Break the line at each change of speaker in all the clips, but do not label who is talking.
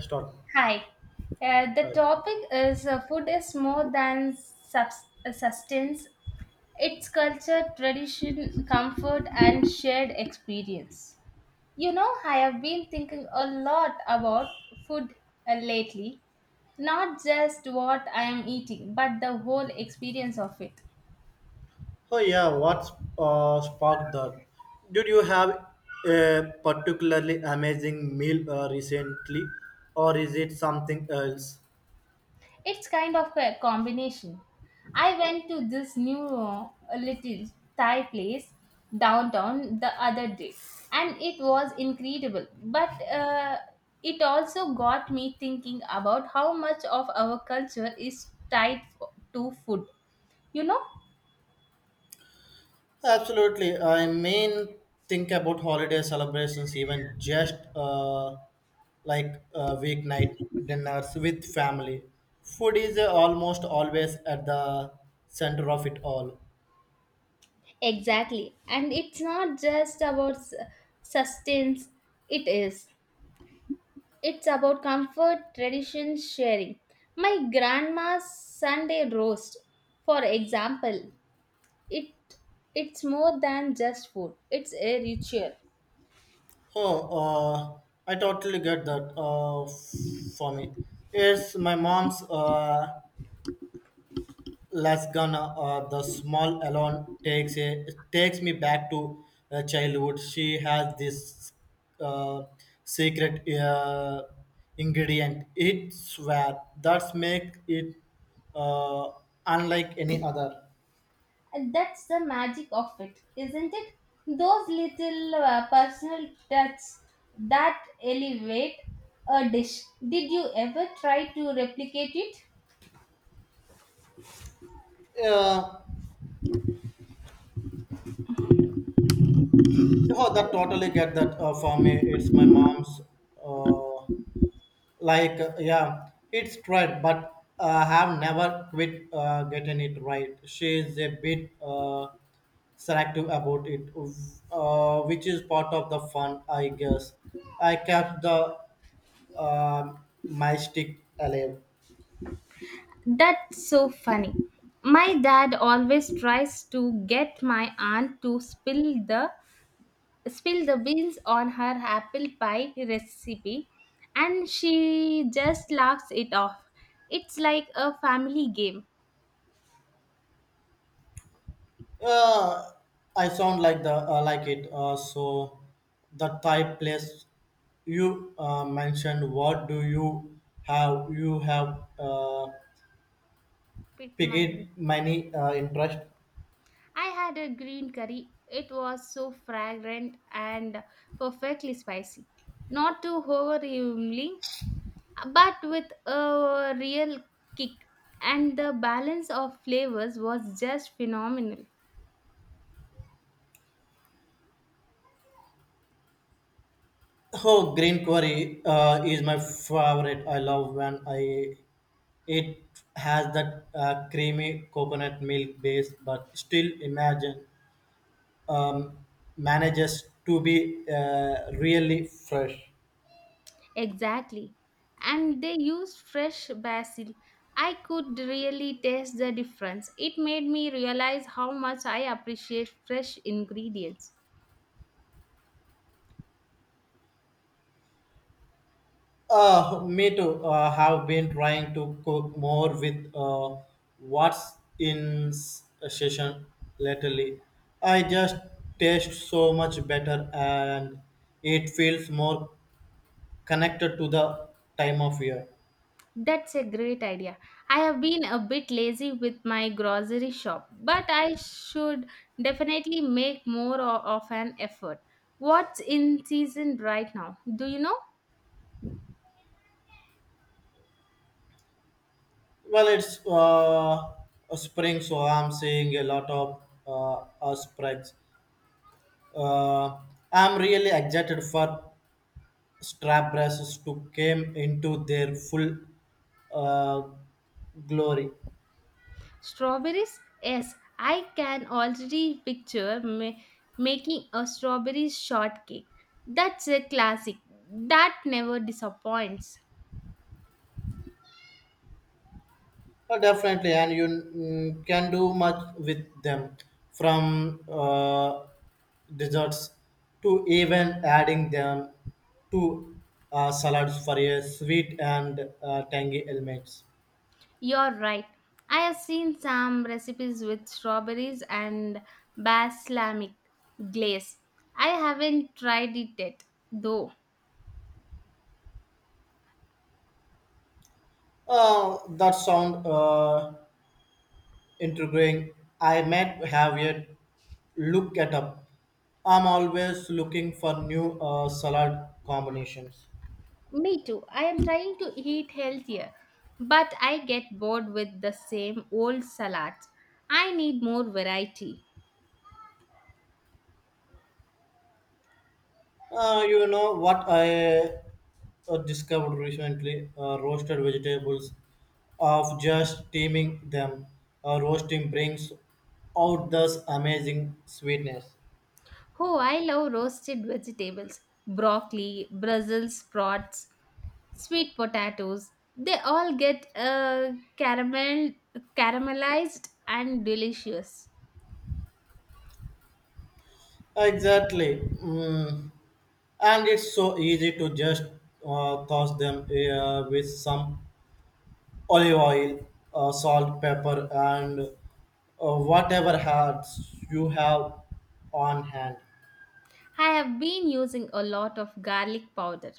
Start.
Hi. The
Right.
topic is food is more than sustenance. It's culture, tradition, comfort, and shared experience. You know, I have been thinking a lot about food lately. Not just what I am eating, but the whole experience of it.
Oh yeah, what's sparked that? Did you have a particularly amazing meal recently, or is it something else?
It's kind of a combination. I went to this new little Thai place downtown the other day, and it was incredible. But it also got me thinking about how much of our culture is tied to food, you know?
Absolutely. I mean, think about holiday celebrations, even just like weeknight dinners with family. Food is almost always at the center of it all.
Exactly. And it's not just about sustenance, it is. It's about comfort, tradition, sharing. My grandma's Sunday roast, for example, it it's more than just food. It's a ritual.
Oh, uh, I totally get that. For me, it's my mom's lasagna. The small alone takes me back to childhood. She has this uh, secret ingredient. It's where that's make it uh, unlike any other.
And that's the magic of it, isn't it? Those little personal touches that elevate a dish. Did you ever try to replicate it?
Uh, oh, that totally get that for me. It's my mom's. Uh, like yeah it's tried but have never quit getting it right. She is a bit selective about it, which is part of the fun, I guess. I kept the um my stick alive.
That's so funny. My dad always tries to get my aunt to spill the beans on her apple pie recipe, and she just laughs it off. It's like a family game.
uh, I sound like the like it, so the type place you mentioned. What do you have? You have
Picked mine.
picked many interest.
I had a green curry. It was so fragrant and perfectly spicy. Not too overwhelming, but with a real kick. And the balance of flavors was just phenomenal.
Oh, green curry is my favorite. I love when I it has that creamy coconut milk base, but still imagine um, manages to be really fresh.
Exactly. And they used fresh basil. I could really taste the difference. It made me realize how much I appreciate fresh ingredients.
Me too. Have been trying to cook more with what's in a session lately. I just taste so much better and it feels more connected to the time of year.
That's a great idea. I have been a bit lazy with my grocery shop, but I should definitely make more of an effort. What's in season right now? Do you know?
Well, it's a spring, so I'm seeing a lot of spreads. Uh, I'm really excited for strap brasses to come into their full uh, glory.
Strawberries? Yes, I can already picture making a strawberry shortcake. That's a classic. That never disappoints.
Definitely, and you can do much with them from desserts to even adding them to salads for a sweet and tangy elements.
You're right. I have seen some recipes with strawberries and balsamic glaze. I haven't tried it yet, though.
That sound intriguing. I might have a look at up. I'm always looking for new salad combinations.
Me too. I am trying to eat healthier, but I get bored with the same old salads. I need more variety.
You know what I discovered recently? Roasted vegetables, of just steaming them, roasting brings out this amazing sweetness.
Oh, I love roasted vegetables, broccoli, Brussels sprouts, sweet potatoes. They all get caramelized and delicious.
Exactly, and it's so easy to just toss them with some olive oil, salt, pepper, and whatever herbs you have on hand.
I have been using a lot of garlic powder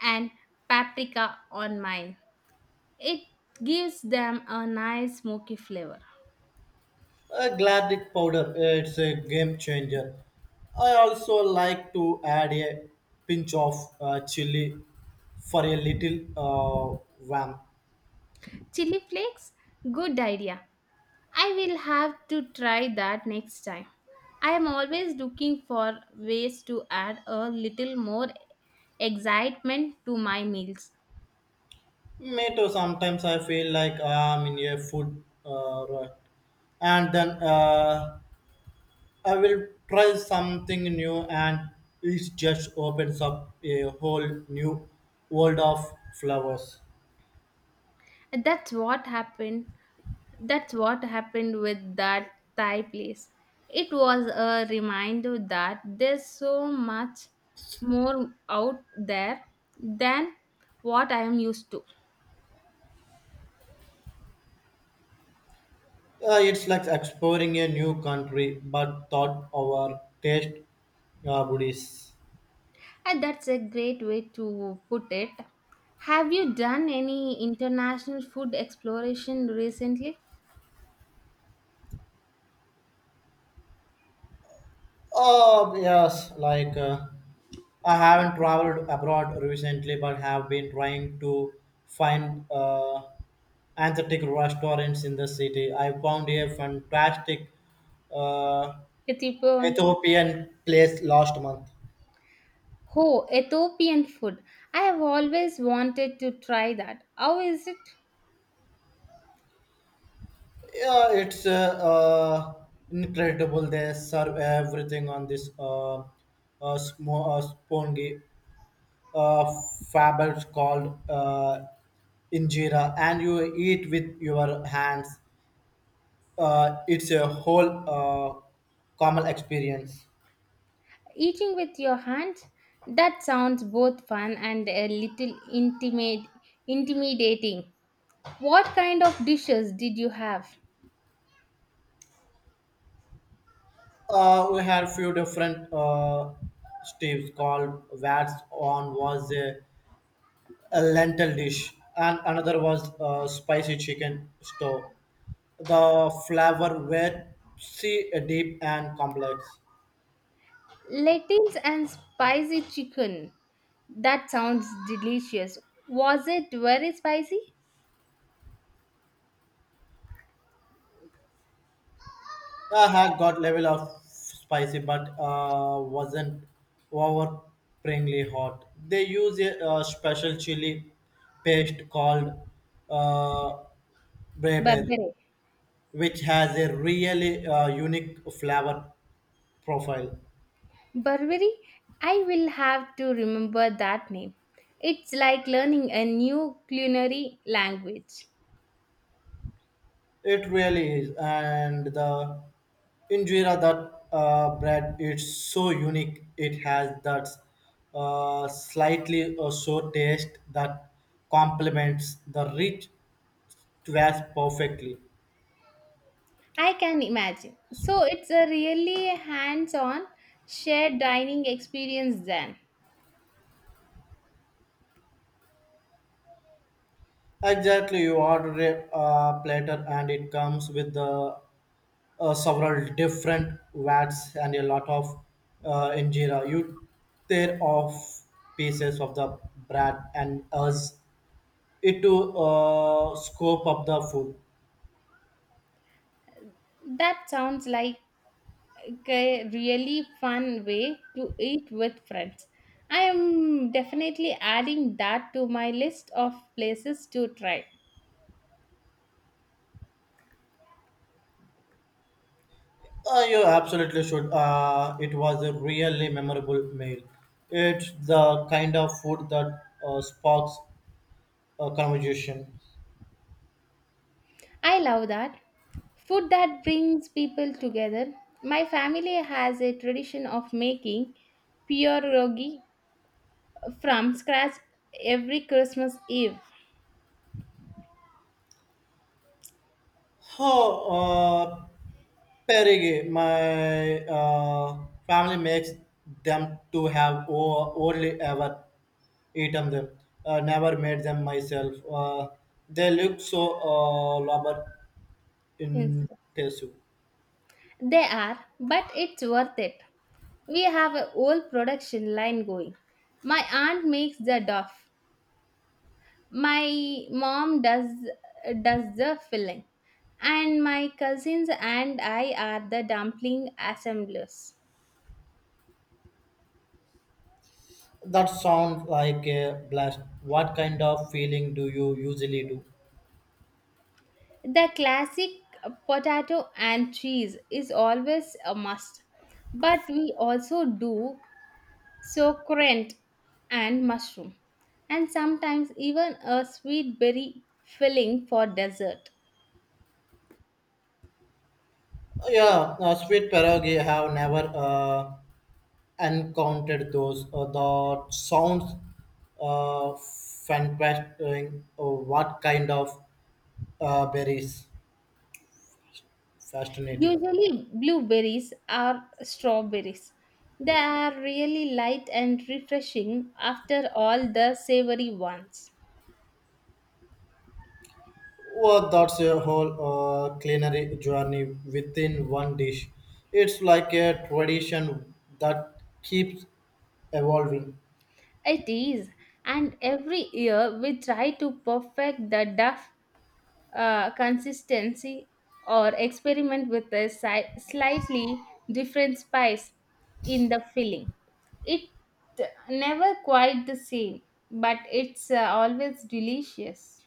and paprika on mine. It gives them a nice smoky flavor.
Galactic powder, it's a game changer. I also like to add a pinch of chili for a little vamp.
Chili flakes? Good idea. I will have to try that next time. I am always looking for ways to add a little more excitement to my meals.
Me too, sometimes I feel like I'm in a food rut. And then I will try something new, and it just opens up a whole new world of flavors.
That's what happened. That's what happened with that Thai place. It was a reminder that there's so much more out there than what I am used to.
It's like exploring a new country, but thought our taste buddies.
And that's a great way to put it. Have you done any international food exploration recently?
Oh, yes, like I haven't traveled abroad recently, but have been trying to find authentic restaurants in the city. I found a fantastic uh,
Ethiopian.
Ethiopian place last month.
Oh, Ethiopian food. I have always wanted to try that. How is it?
Yeah, it's incredible. They serve everything on this spongy uh, fabric called injera, and you eat with your hands. It's a whole common experience.
Eating with your hands? That sounds both fun and a little intimidating. What kind of dishes did you have?
We had few different steves called Vats. On was a lentil dish, and another was a spicy chicken stew. The flavor were see deep and complex.
Lettuce and spicy chicken. That sounds delicious. Was it very spicy?
I had got level of spicy, but wasn't overpringly hot. They use a special chili paste called uh, breber,
Burberry.
which has a really unique flavor profile.
Burberry, I will have to remember that name. It's like learning a new culinary language.
It really is, and the injera, that bread, it's so unique. It has that slightly sour taste that complements the rich twist perfectly.
I can imagine. So it's a really hands on shared dining experience then.
Exactly, you order a platter and it comes with the several different vats and a lot of injera. You tear off pieces of the bread and us into scope of the food.
That sounds like a really fun way to eat with friends. I am definitely adding that to my list of places to try.
You absolutely should. It was a really memorable meal. It's the kind of food that sparks a conversation.
I love that. Food that brings people together. My family has a tradition of making pierogi from scratch every Christmas Eve.
Oh, uh, Perigi, my family makes them. To have only ever eaten them. Never made them myself. They look so labor
Instead.
intensive.
They are, but it's worth it. We have a whole production line going. My aunt makes the dough. My mom does the filling, and my cousins and I are the dumpling assemblers.
That sounds like a blast. What kind of feeling do you usually do?
The classic potato and cheese is always a must, but we also do sauerkraut and mushroom, and sometimes even a sweet berry filling for dessert.
Yeah, sweet pierogi, have never encountered those. That sounds fantastic. What kind of berries? Fascinating.
Usually, blueberries or strawberries. They are really light and refreshing after all the savory ones.
Well, that's a whole culinary journey within one dish. It's like a tradition that keeps evolving.
It is, and every year we try to perfect the duff consistency, or experiment with a slightly different spice in the filling. It never quite the same, but it's always delicious.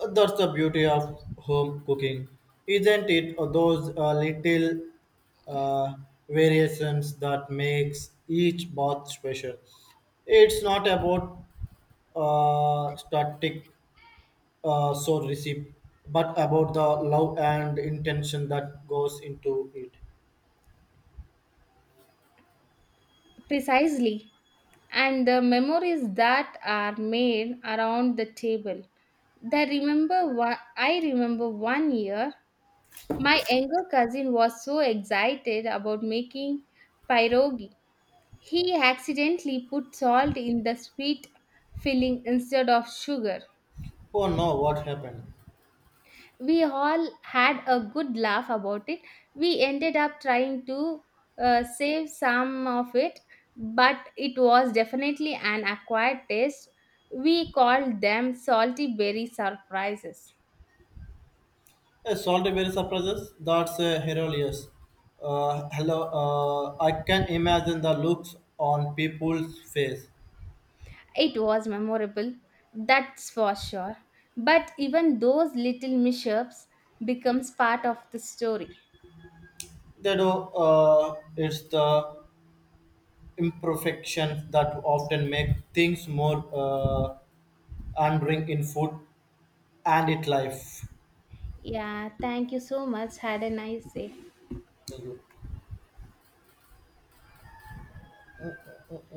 That's the beauty of home cooking, isn't it? Those little uh, variations that makes each bath special. It's not about static so recipe, but about the love and intention that goes into it.
Precisely. And the memories that are made around the table. I remember one year my younger cousin was so excited about making pierogi. He accidentally put salt in the sweet filling instead of sugar.
Oh no, what happened?
We all had a good laugh about it. We ended up trying to save some of it, but it was definitely an acquired taste. We called them salty berry surprises.
A salty berry surprises? That's hilarious. Hello, I can imagine the looks on people's face.
It was memorable, that's for sure. But even those little mishaps becomes part of the story.
They do. It's the imperfections that often make things more endearing in food and it life.
Yeah, thank you so much. Had a nice day.
You.